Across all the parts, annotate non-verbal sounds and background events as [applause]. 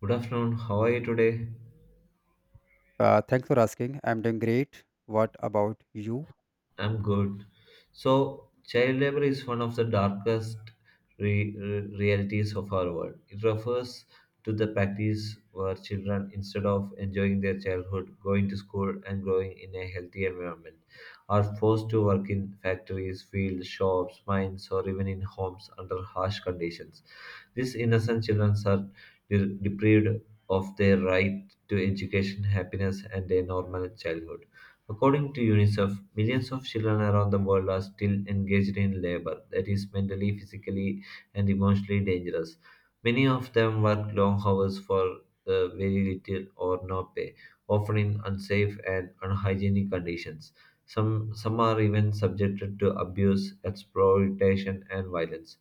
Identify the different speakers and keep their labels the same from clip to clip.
Speaker 1: Good afternoon. How are you today?
Speaker 2: Thanks for asking. I'm doing great. What about you?
Speaker 1: I'm good. So, child labor is one of the darkest realities of our world. It refers to the practice where children, instead of enjoying their childhood, going to school, and growing in a healthy environment, are forced to work in factories, fields, shops, mines, or even in homes under harsh conditions. These innocent children are deprived of their right to education, happiness, and a normal childhood. According to UNICEF, millions of children around the world are still engaged in labor that is mentally, physically, and emotionally dangerous. Many of them work long hours for very little or no pay, often in unsafe and unhygienic conditions. Some are even subjected to abuse, exploitation, and violence.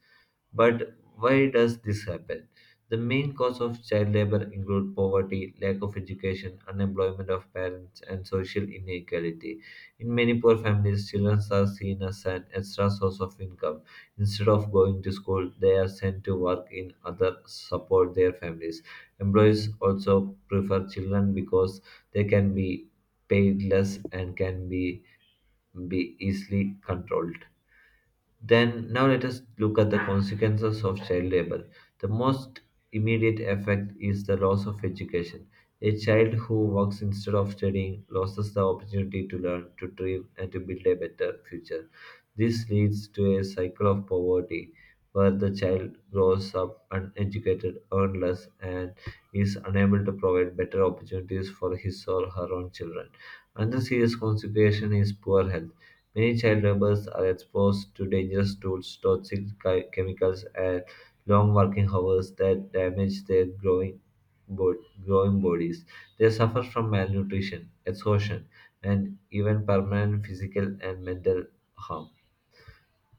Speaker 1: But why does this happen? The main cause of child labor include poverty, lack of education, unemployment of parents, and social inequality. In many poor families, children are seen as an extra source of income. Instead of going to school, they are sent to work in other support their families. Employees also prefer children because they can be paid less and can be easily controlled. Then, now let us look at the consequences of child labor. The most immediate effect is the loss of education. A child who works instead of studying loses the opportunity to learn, to dream, and to build a better future. This leads to a cycle of poverty where the child grows up uneducated, earnless, and is unable to provide better opportunities for his or her own children. Another serious consequence is poor health. Many child laborers are exposed to dangerous tools, toxic chemicals, and long working hours that damage their growing, growing bodies. They suffer from malnutrition, exhaustion, and even permanent physical and mental harm.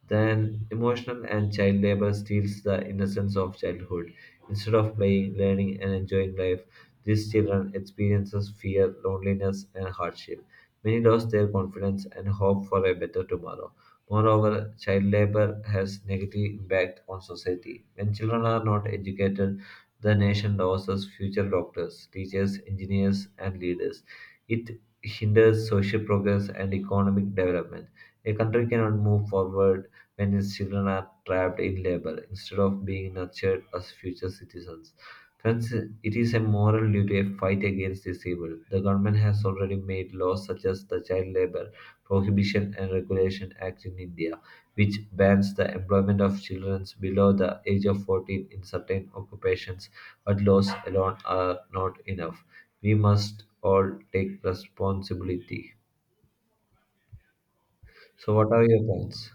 Speaker 1: Then, emotional and child labor steals the innocence of childhood. Instead of playing, learning, and enjoying life, these children experiences fear, loneliness, and hardship. Many lost their confidence and hope for a better tomorrow. Moreover, child labor has negative impact on society. When children are not educated, the nation loses future doctors, teachers, engineers, and leaders. It hinders social progress and economic development. A country cannot move forward when its children are trapped in labor instead of being nurtured as future citizens. Friends, it is a moral duty to fight against this evil. The government has already made laws such as the Child Labor Prohibition and Regulation Act in India, which bans the employment of children below the age of 14 in certain occupations, but laws alone are not enough. We must all take responsibility. So, what are your plans?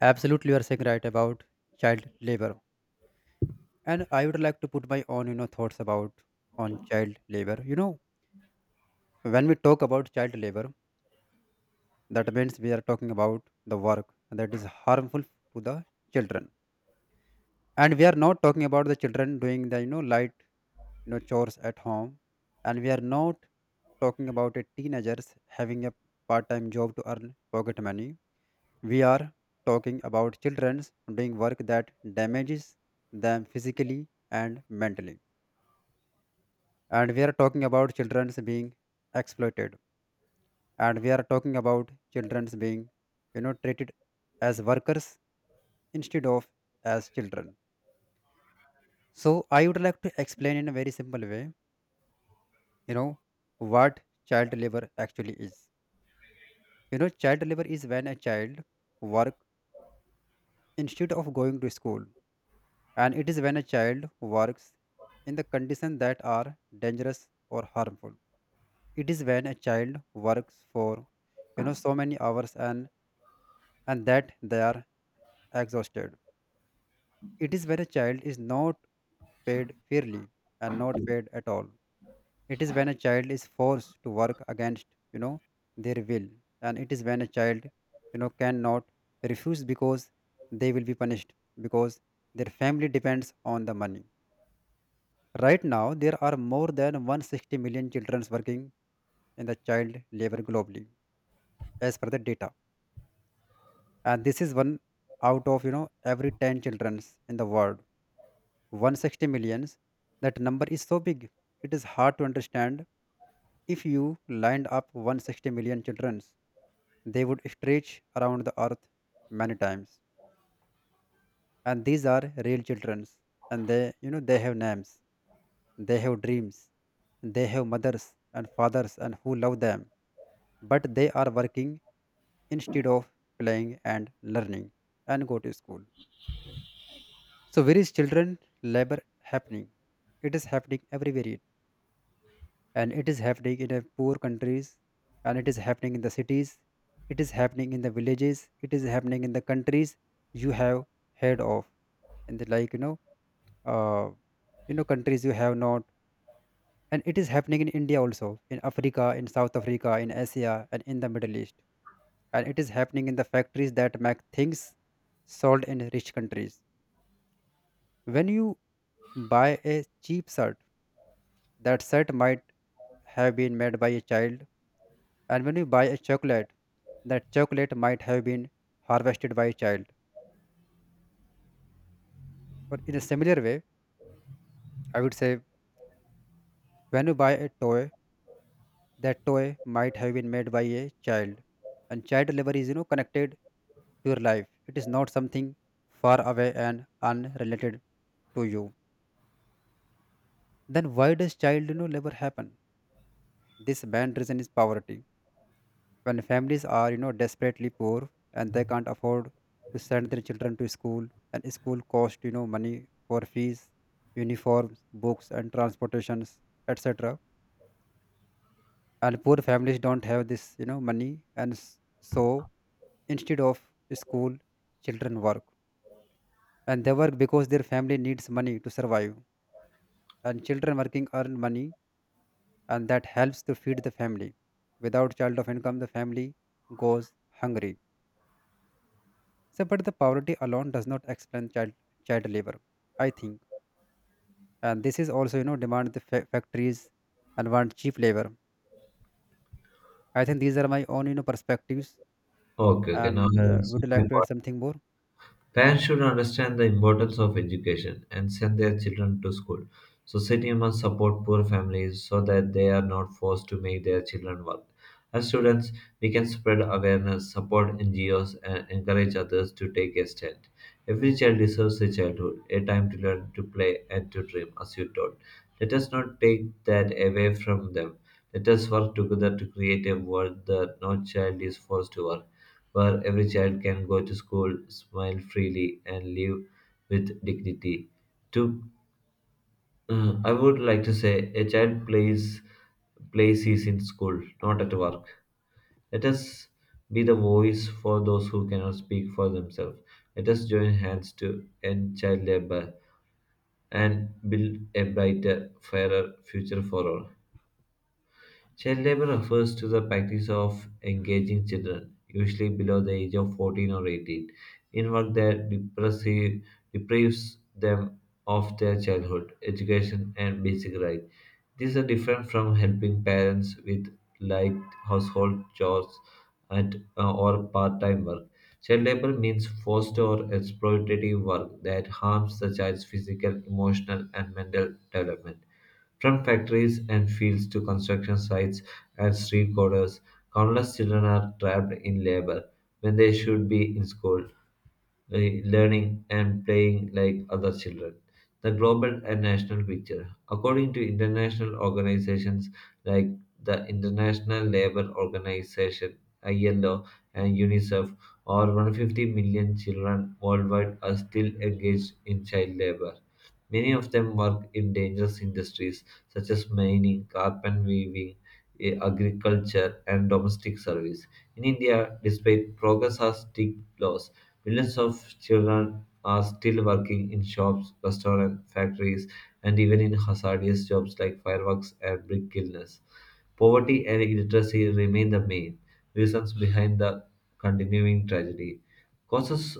Speaker 2: Absolutely, you are saying right about child labor. And I would like to put my own, thoughts about on child labor. When we talk about child labor, that means we are talking about the work that is harmful to the children. And we are not talking about the children doing the, light, chores at home. And we are not talking about a teenagers having a part-time job to earn pocket money. We are talking about children doing work that damages them physically and mentally. And we are talking about children being exploited. And we are talking about children being, treated as workers instead of as children. So I would like to explain in a very simple way, you know, what child labor actually is. Child labor is when a child work instead of going to school, and it is when a child works in the conditions that are dangerous or harmful. It is when a child works for so many hours, and that they are exhausted. It is when a child is not paid fairly and not paid at all. It is when a child is forced to work against you know their will, and it is when a child cannot refuse because they will be punished because their family depends on the money. Right now, there are more than 160 million children working in the child labor globally, as per the data. And this is one out of every 10 children in the world. 160 millions. That number is so big. It is hard to understand. If you lined up 160 million children, they would stretch around the earth many times. And these are real children, and they you know they have names, they have dreams, they have mothers and fathers and who love them, but they are working instead of playing and learning and go to school. So where is children labor happening? It is happening everywhere, and it is happening in the poor countries, and it is happening in the cities. It is happening in the villages. It is happening in the countries you have heard of and the like uh, you know, countries you have not, and it is happening in India, also in Africa, in South Africa, in Asia, and in the Middle East, and it is happening in the factories that make things sold in rich countries. When you buy a cheap shirt, that shirt might have been made by a child, and when you buy a chocolate, that chocolate might have been harvested by a child. Or in a similar way, I would say when you buy a toy, that toy might have been made by a child. And child labor is connected to your life. It is not something far away and unrelated to you. Then why does child labor happen? This main reason is poverty. When families are, desperately poor and they can't afford to send their children to school, and school cost, money for fees, uniforms, books, and transportations, etc. And poor families don't have this, money, and so instead of school, children work, and they work because their family needs money to survive. And children working earn money, and that helps to feed the family. Without child of income, the family goes hungry. So, but the poverty alone does not explain child labor, I think. And this is also, demand the factories and want cheap labor. I think these are my own, perspectives.
Speaker 1: Okay, okay, now I
Speaker 2: And
Speaker 1: will see
Speaker 2: would you
Speaker 1: my
Speaker 2: like to add
Speaker 1: point.
Speaker 2: something more?
Speaker 1: Parents should understand the importance of education and send their children to school. Society must support poor families so that they are not forced to make their children work. As students, we can spread awareness, support NGOs, and encourage others to take a stand. Every child deserves a childhood, a time to learn, to play, and to dream, as you taught. Let us not take that away from them. Let us work together to create a world that no child is forced to work, where every child can go to school, smile freely, and live with dignity. To, I would like to say, a child plays is in school, not at work. Let us be the voice for those who cannot speak for themselves. Let us join hands to end child labor and build a brighter, fairer future for all. Child labor refers to the practice of engaging children, usually below the age of 14 or 18, in work that deprives them of their childhood, education, and basic rights. These are different from helping parents with light household chores at, or part time work. Child labor means forced or exploitative work that harms the child's physical, emotional, and mental development. From factories and fields to construction sites and street corners, countless children are trapped in labor when they should be in school, learning and playing like other children. The global and national picture. According to international organizations like the International Labour Organization, ILO, and UNICEF, over 150 million children worldwide are still engaged in child labor. Many of them work in dangerous industries such as mining, carpet weaving, agriculture, and domestic service. In India, despite progress or strict laws, millions of children are still working in shops, restaurants, factories, and even in hazardous jobs like fireworks and brick kilns. Poverty and illiteracy remain the main reasons behind the continuing tragedy. Causes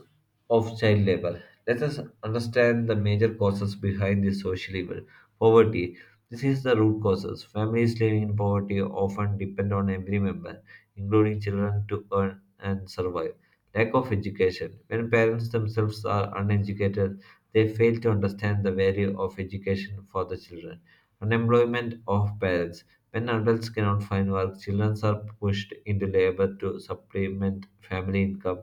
Speaker 1: of child labor. Let us understand the major causes behind this social evil. Poverty. This is the root causes. Families living in poverty often depend on every member, including children, to earn and survive. Lack of education. When parents themselves are uneducated, they fail to understand the value of education for the children. Unemployment of parents. When adults cannot find work, children are pushed into labor to supplement family income.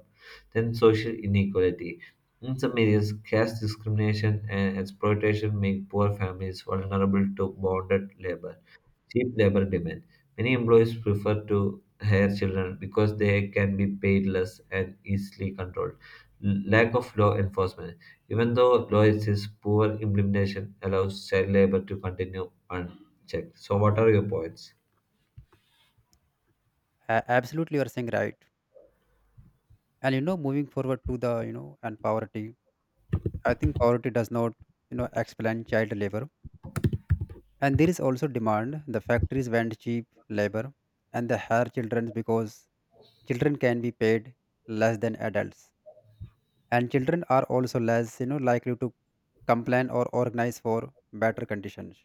Speaker 1: Then social inequality in some areas, caste discrimination and exploitation make poor families vulnerable to bonded labor, cheap labor demand. Many employees prefer to hire children because they can be paid less and easily controlled. Lack of law enforcement. Even though law exists, poor implementation allows child labor to continue unchecked. So, what are your points?
Speaker 2: Absolutely, you are saying right. And moving forward to the, you know, and poverty. I think poverty does not, explain child labor. And there is also demand. The factories want cheap labor, and they hire children because children can be paid less than adults, and children are also less likely to complain or organize for better conditions,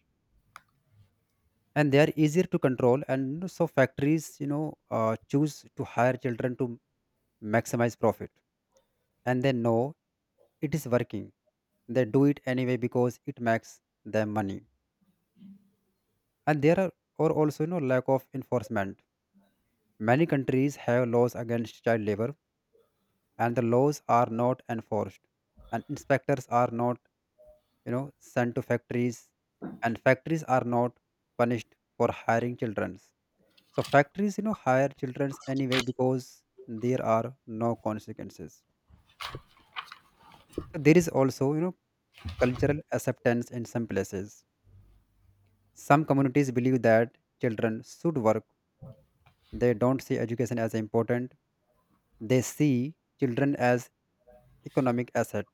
Speaker 2: and they are easier to control, and so factories choose to hire children to maximize profit, and they know it is working. They do it anyway because it makes them money. And there are or also lack of enforcement. Many countries have laws against child labor, and the laws are not enforced, and inspectors are not you know sent to factories, and factories are not punished for hiring children. So factories hire children anyway because there are no consequences. So there is also cultural acceptance in some places. Some communities believe that children should work. They don't see education as important. They see children as economic asset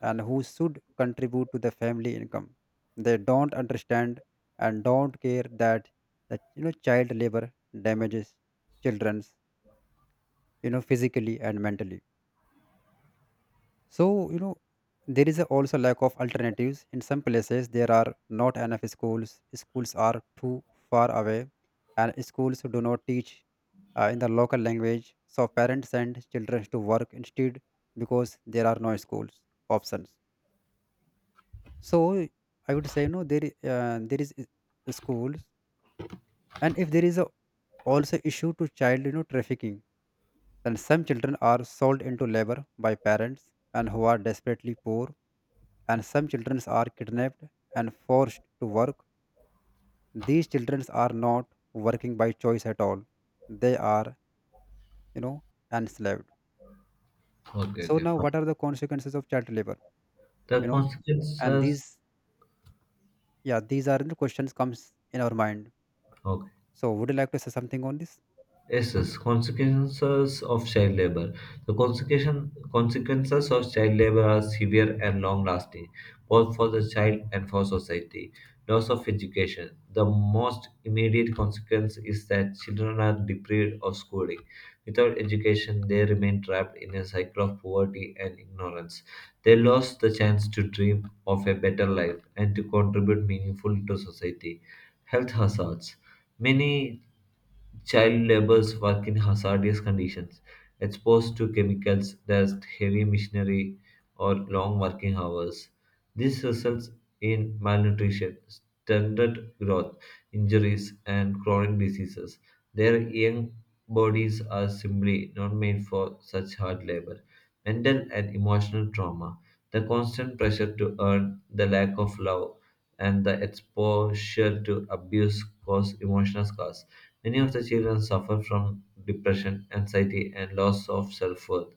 Speaker 2: and who should contribute to the family income. They don't understand and don't care that child labor damages children's physically and mentally. So you know there is a also lack of alternatives in some places. There are not enough schools. Schools are too far away, and schools do not teach in the local language. So parents send children to work instead because there are no schools options. So I would say no. There, I- there is I- Schools, and if there is a, also issue to child, trafficking, then some children are sold into labor by parents and who are desperately poor, and some children are kidnapped and forced to work. These children are not working by choice at all. They are, you know, enslaved.
Speaker 1: Okay,
Speaker 2: So
Speaker 1: okay,
Speaker 2: now, what
Speaker 1: fine.
Speaker 2: are the consequences of child labor? You
Speaker 1: The
Speaker 2: know, and
Speaker 1: consequences.
Speaker 2: these, yeah, these are the questions comes in our mind.
Speaker 1: Okay.
Speaker 2: So, would you like to say something on this?
Speaker 1: Yes, yes. Consequences of child labor. The consequences of child labor are severe and long lasting, both for the child and for society. Loss of education. The most immediate consequence is that children are deprived of schooling. Without education, they remain trapped in a cycle of poverty and ignorance. They lost the chance to dream of a better life and to contribute meaningfully to society. Health hazards. Many child laborers work in hazardous conditions, exposed to chemicals, dust, heavy machinery, or long working hours. This results in malnutrition, stunted growth, injuries, and chronic diseases. Their young bodies are simply not made for such hard labor. Mental and emotional trauma, the constant pressure to earn, the lack of love, and the exposure to abuse cause emotional scars. Many of the children suffer from depression, anxiety, and loss of self worth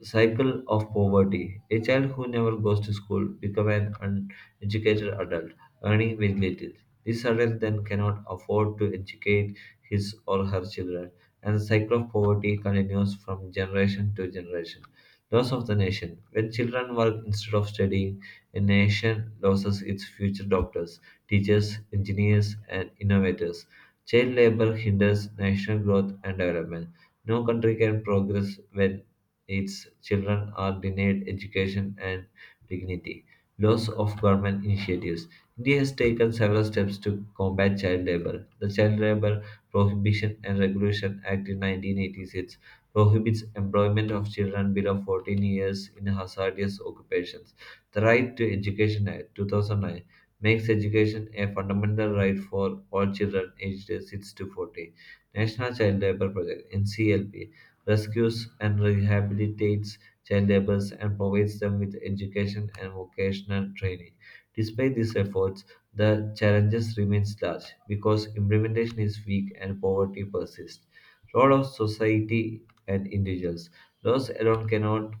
Speaker 1: cycle of poverty. A child who never goes to school becomes an uneducated adult, earning very little. This adult then cannot afford to educate his or her children, and the cycle of poverty continues from generation to generation. Loss of the nation. When children work instead of studying, a nation loses its future doctors, teachers, engineers, and innovators. Child labor hinders national growth and development. No country can progress when its children are denied education and dignity. Loss of government initiatives. India has taken several steps to combat child labor. The Child Labor Prohibition and Regulation Act in 1986 prohibits employment of children below 14 years in hazardous occupations. The Right to Education Act 2009 makes education a fundamental right for all children aged 6 to 40. National Child Labor Project NCLP rescues and rehabilitates child laborers, and provides them with education and vocational training. Despite these efforts, the challenges remains large because implementation is weak and poverty persists. Role of society and individuals. Laws alone cannot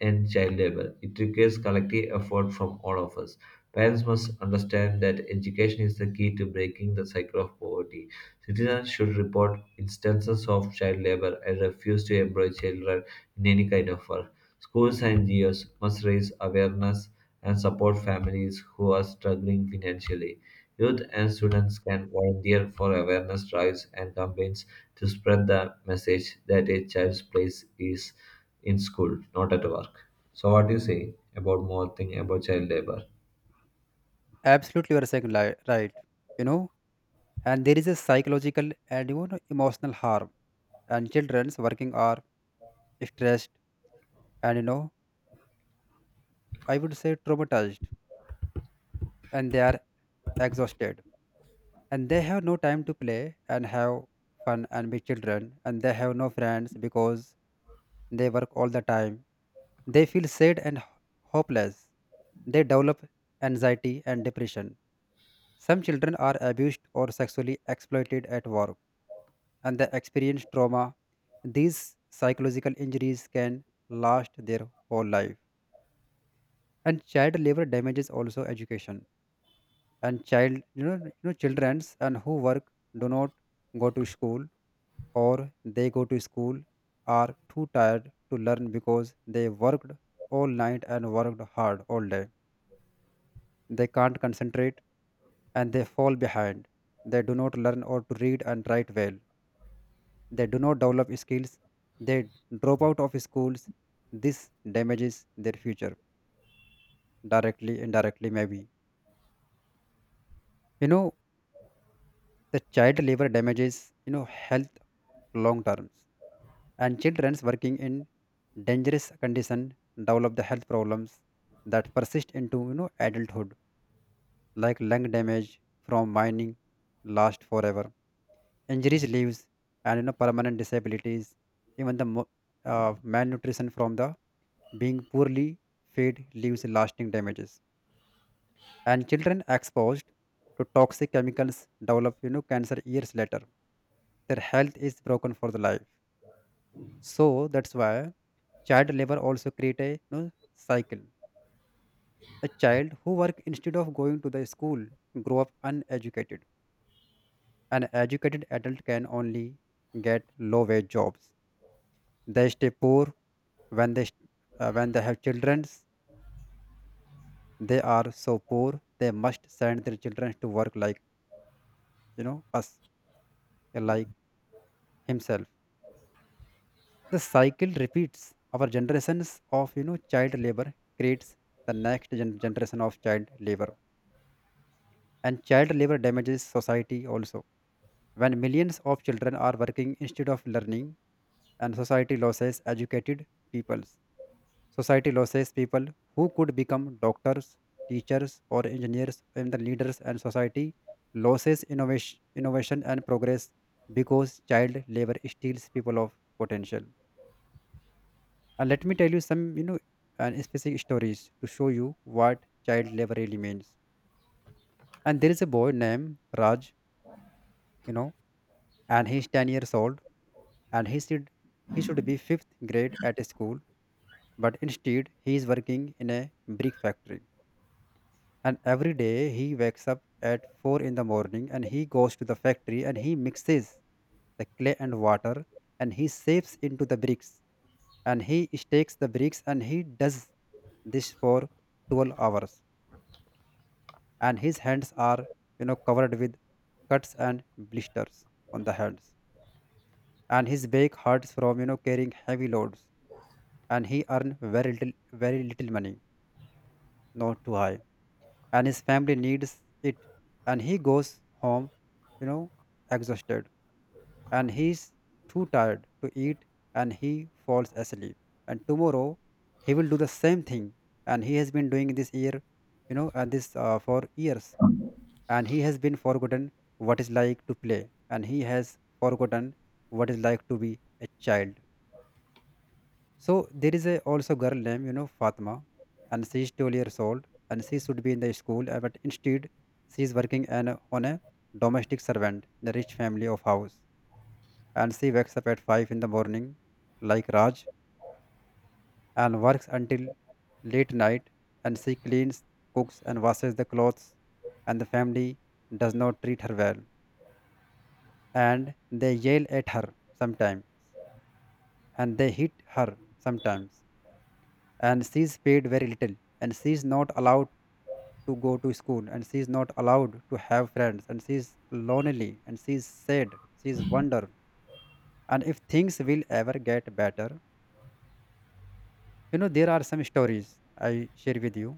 Speaker 1: and child labor. It requires collective effort from all of us. Parents must understand that education is the key to breaking the cycle of poverty. Citizens should report instances of child labor and refuse to employ children in any kind of work. Schools and NGOs must raise awareness and support families who are struggling financially. Youth and students can volunteer for awareness drives and campaigns to spread the message that a child's place is in school, not at work. So, what do you say about more thing about child labor?
Speaker 2: Absolutely, you're saying right. You know, and there is a psychological and emotional harm, and childrens working are stressed, and I would say traumatized, and they are exhausted, and they have no time to play and have fun and be children, and they have no friends because they work all the time. They feel sad and hopeless. They develop anxiety and depression. Some children are abused or sexually exploited at work, and they experience trauma. These psychological injuries can last their whole life. And child labor damages also education. And child, childrens and who work do not go to school, or they go to school, are too tired to learn because they worked all night and worked hard all day. They can't concentrate, and they fall behind. They do not learn or to read and write well. They do not develop skills. They drop out of schools. This damages their future directly, indirectly, maybe. You know, the child labor damages, health long terms. And children's working in dangerous condition develop the health problems that persist into, adulthood, like lung damage from mining last forever, injuries leaves and permanent disabilities, even the malnutrition from the being poorly fed leaves lasting damages, and children exposed to toxic chemicals develop cancer years later. Their health is broken for the life. So that's why child labor also create a cycle. A child who work instead of going to the school grow up uneducated. An educated adult can only get low wage jobs. They stay poor. When they when they have children, they are so poor they must send their children to work like us, like himself. The cycle repeats. Our generations of child labor creates the next generation of child labor, and child labor damages society also. When millions of children are working instead of learning, and society loses educated peoples. Society loses people who could become doctors, teachers, or engineers and the leaders, and society loses innovation, innovation and progress because child labor steals people of potential. And let me tell you some, and specific stories to show you what child labor really means. And there is a boy named Raj, you know, and he's 10 years old, and he should be fifth grade at school, but instead he is working in a brick factory. And every day he wakes up at 4 in the morning, and he goes to the factory and he mixes the clay and water, and he shapes into the bricks, and he stakes the bricks, and he does this for 12 hours. And his hands are covered with cuts and blisters on the hands, and his back hurts from carrying heavy loads. And he earn very little, very little money, not too high, and his family needs it. And he goes home, you know exhausted, and he's too tired to eat and he falls asleep, and tomorrow he will do the same thing. And he has been doing this year, you know and this for years, and he has been forgotten what is like to play, and he has forgotten what is like to be a child. So there is a also girl named Fatma, and she is 12 years old, and she should be in the school, but instead she is working on a domestic servant in a rich family of house. And she wakes up at 5 in the morning, like Raj, and works until late night, and she cleans, cooks, and washes the clothes. And the family does not treat her well, and they yell at her sometimes, and they hit her sometimes, and she's paid very little, and she's not allowed to go to school, and she's not allowed to have friends, and she's lonely, and she's sad, she's wonder, and if things will ever get better. You know, there are some stories I share with you.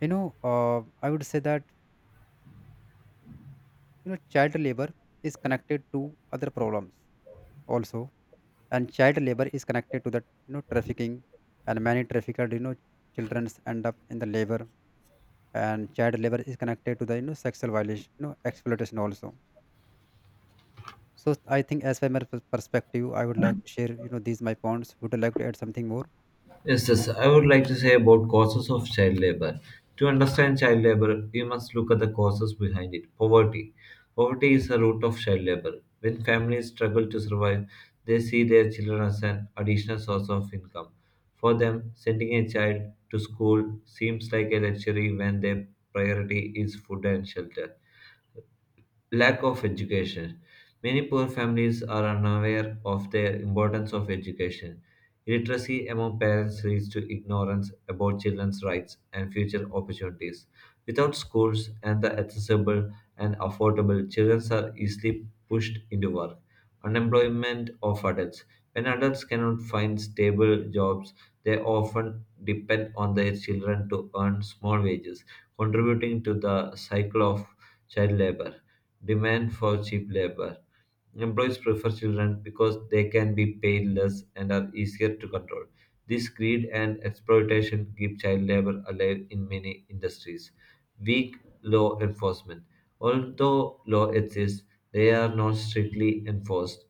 Speaker 2: You know I would say that child labor is connected to other problems also, and child labor is connected to that trafficking, and many trafficked children end up in the labor, and child labor is connected to the sexual violation, exploitation also. So I think as from my perspective, I would like to share these my points. Would you like to add something more?
Speaker 1: Yes, yes. I would like to say about causes of child labor. To understand child labor, we must look at the causes behind it. Poverty. Poverty is the root of child labor. When families struggle to survive, they see their children as an additional source of income. For them, sending a child to school seems like a luxury when their priority is food and shelter lack of education. Many poor families are unaware of the importance of education. Illiteracy among parents leads to ignorance about children's rights and future opportunities. Without schools and the accessible and affordable, children are easily pushed into work. Unemployment of adults. When adults cannot find stable jobs, they often depend on their children to earn small wages, contributing to the cycle of child labor. Demand for cheap labor. Employees prefer children because they can be paid less and are easier to control. This greed and exploitation keep child labor alive in many industries. Weak law enforcement. Although law exists, they are not strictly enforced.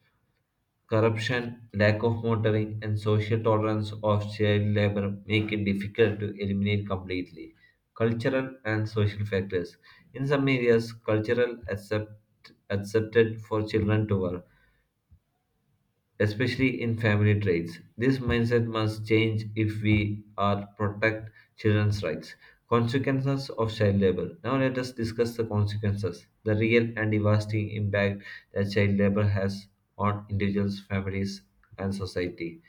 Speaker 1: Corruption, lack of monitoring, and social tolerance of child labor make it difficult to eliminate completely. Cultural and social factors. In some areas, cultural accepted for children to work especially in family traits. This mindset must change if we are protect children's rights. Consequences of child labor. Now let us discuss the consequences, the real and devastating impact that child labor has on individuals, families, and society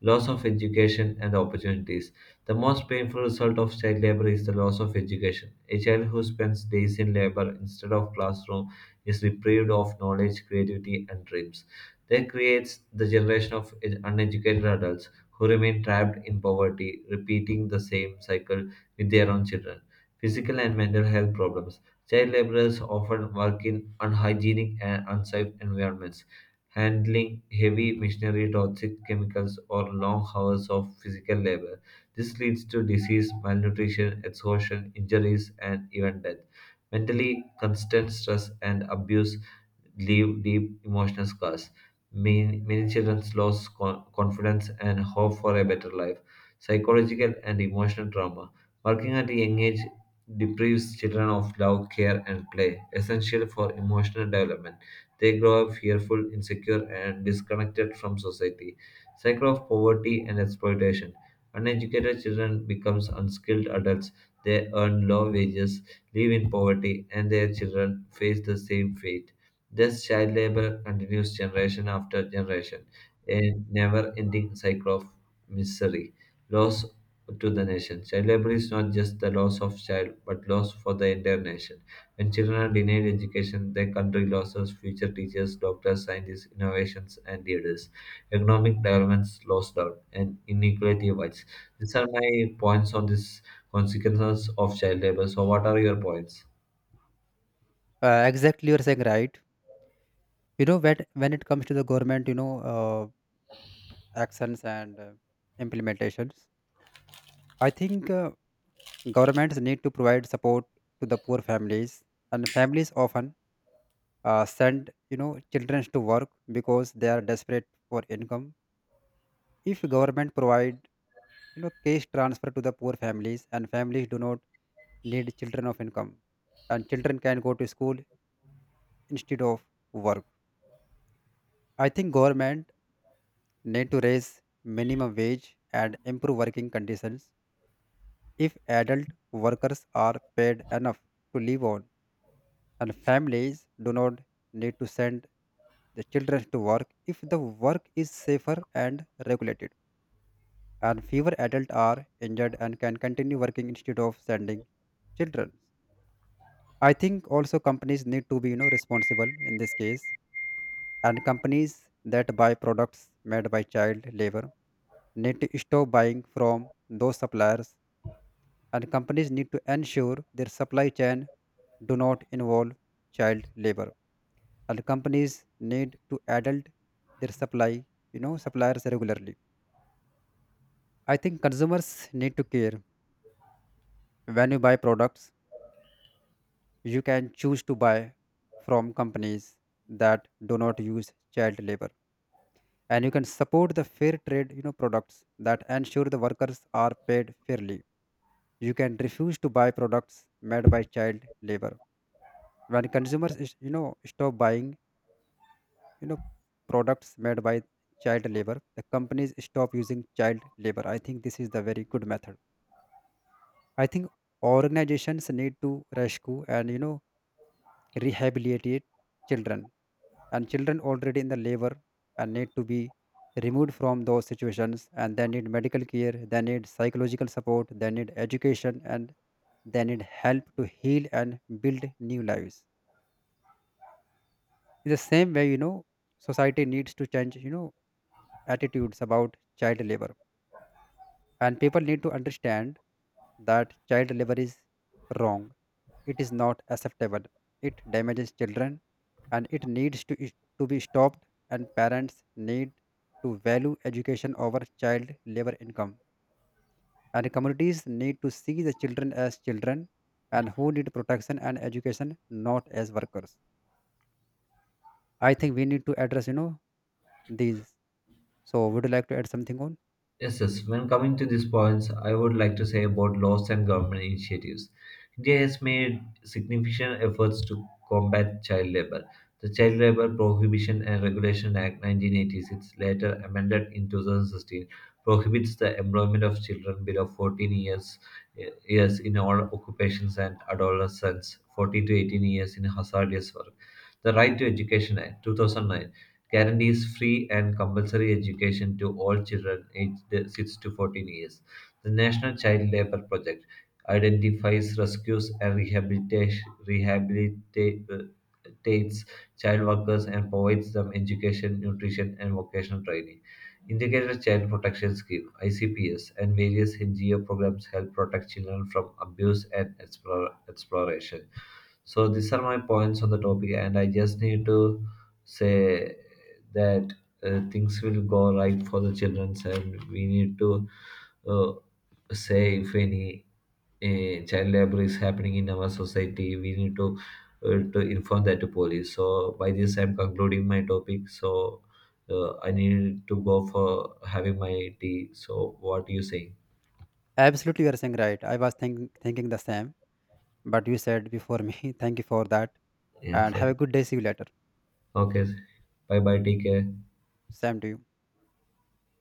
Speaker 1: loss of education and opportunities. The most painful result of child labor is the loss of education. A child who spends days in labor instead of classroom is deprived of knowledge, creativity, and dreams. That creates the generation of uneducated adults who remain trapped in poverty, repeating the same cycle with their own children. Physical and mental health problems. Child laborers often work in unhygienic and unsafe environments, handling heavy machinery, toxic chemicals, or long hours of physical labor. This leads to disease, malnutrition, exhaustion, injuries, and even death. Mentally, constant stress and abuse leave deep emotional scars. Many children lose confidence and hope for a better life. Psychological and emotional trauma. Working at a young age deprives children of love, care, and play, essential for emotional development. They grow up fearful, insecure, and disconnected from society. Cycle of poverty and exploitation. Uneducated children becomes unskilled adults. They earn low wages, live in poverty, and their children face the same fate. Thus, child labor continues generation after generation, a never ending cycle of misery, loss to the nation. Child labor is not just the loss of child, but loss for the entire nation. When children are denied education, their country loses future teachers, doctors, scientists, innovations, and leaders. Economic developments slows down, and inequality wides. These are my points on this consequences of child labor. So, what are your points?
Speaker 2: Exactly, you're saying right. You know, when it comes to the government, actions and implementations, I think governments need to provide support to the poor families, and families often send children to work because they are desperate for income. If government provide, you know, cash transfer to the poor families, and families do not need children of income, and children can go to school instead of work. I think government need to raise minimum wage and improve working conditions. If adult workers are paid enough to live on, and families do not need to send the children to work, if the work is safer and regulated, and fewer adults are injured and can continue working instead of sending children. I think also companies need to be responsible in this case, and companies that buy products made by child labor need to stop buying from those suppliers, and companies need to ensure their supply chain do not involve child labor, and companies need to adult their supply suppliers regularly. I think consumers need to care. When you buy products, you can choose to buy from companies that do not use child labor, and you can support the fair trade products that ensure the workers are paid fairly. You can refuse to buy products made by child labor. When consumers stop buying you know products made by child labor, the companies stop using child labor. I think this is the very good method. I think organizations need to rescue and rehabilitate children, and children already in the labor and need to be removed from those situations, and they need medical care, they need psychological support, they need education, and they need help to heal and build new lives. In the same way, society needs to change attitudes about child labor. And people need to understand that child labor is wrong. It is not acceptable. It damages children and it to be stopped, and parents need to value education over child labor income. And communities need to see the children as children and who need protection and education, not as workers. I think we need to address, these. So, would you like to add something on?
Speaker 1: Yes, yes. When coming to these points, I would like to say about laws and government initiatives. India has made significant efforts to combat child labor. The Child Labor Prohibition and Regulation Act 1986, later amended in 2016, prohibits the employment of children below 14 years, years in all occupations and adolescents 14 to 18 years in hazardous work. The Right to Education Act 2009 guarantees free and compulsory education to all children aged 6 to 14 years. The National Child Labor Project identifies, rescues, and rehabilitates child workers and provides them education, nutrition, and vocational training. Integrated Child Protection Scheme (ICPS) and various NGO programs help protect children from abuse and exploration. So these are my points on the topic, and I just need to say that things will go right for the children, and we need to uh, say if any child labor is happening in our society, we need to inform that to police. So by this, I'm concluding my topic. So I need to go for having my tea. So what do you say?
Speaker 2: Absolutely, you are saying right. Thinking the same, but you said before me. [laughs] Thank you for that.
Speaker 1: Yeah,
Speaker 2: And have a
Speaker 1: fine.
Speaker 2: good day. See you later.
Speaker 1: Okay. Bye bye. Take care.
Speaker 2: Same to you.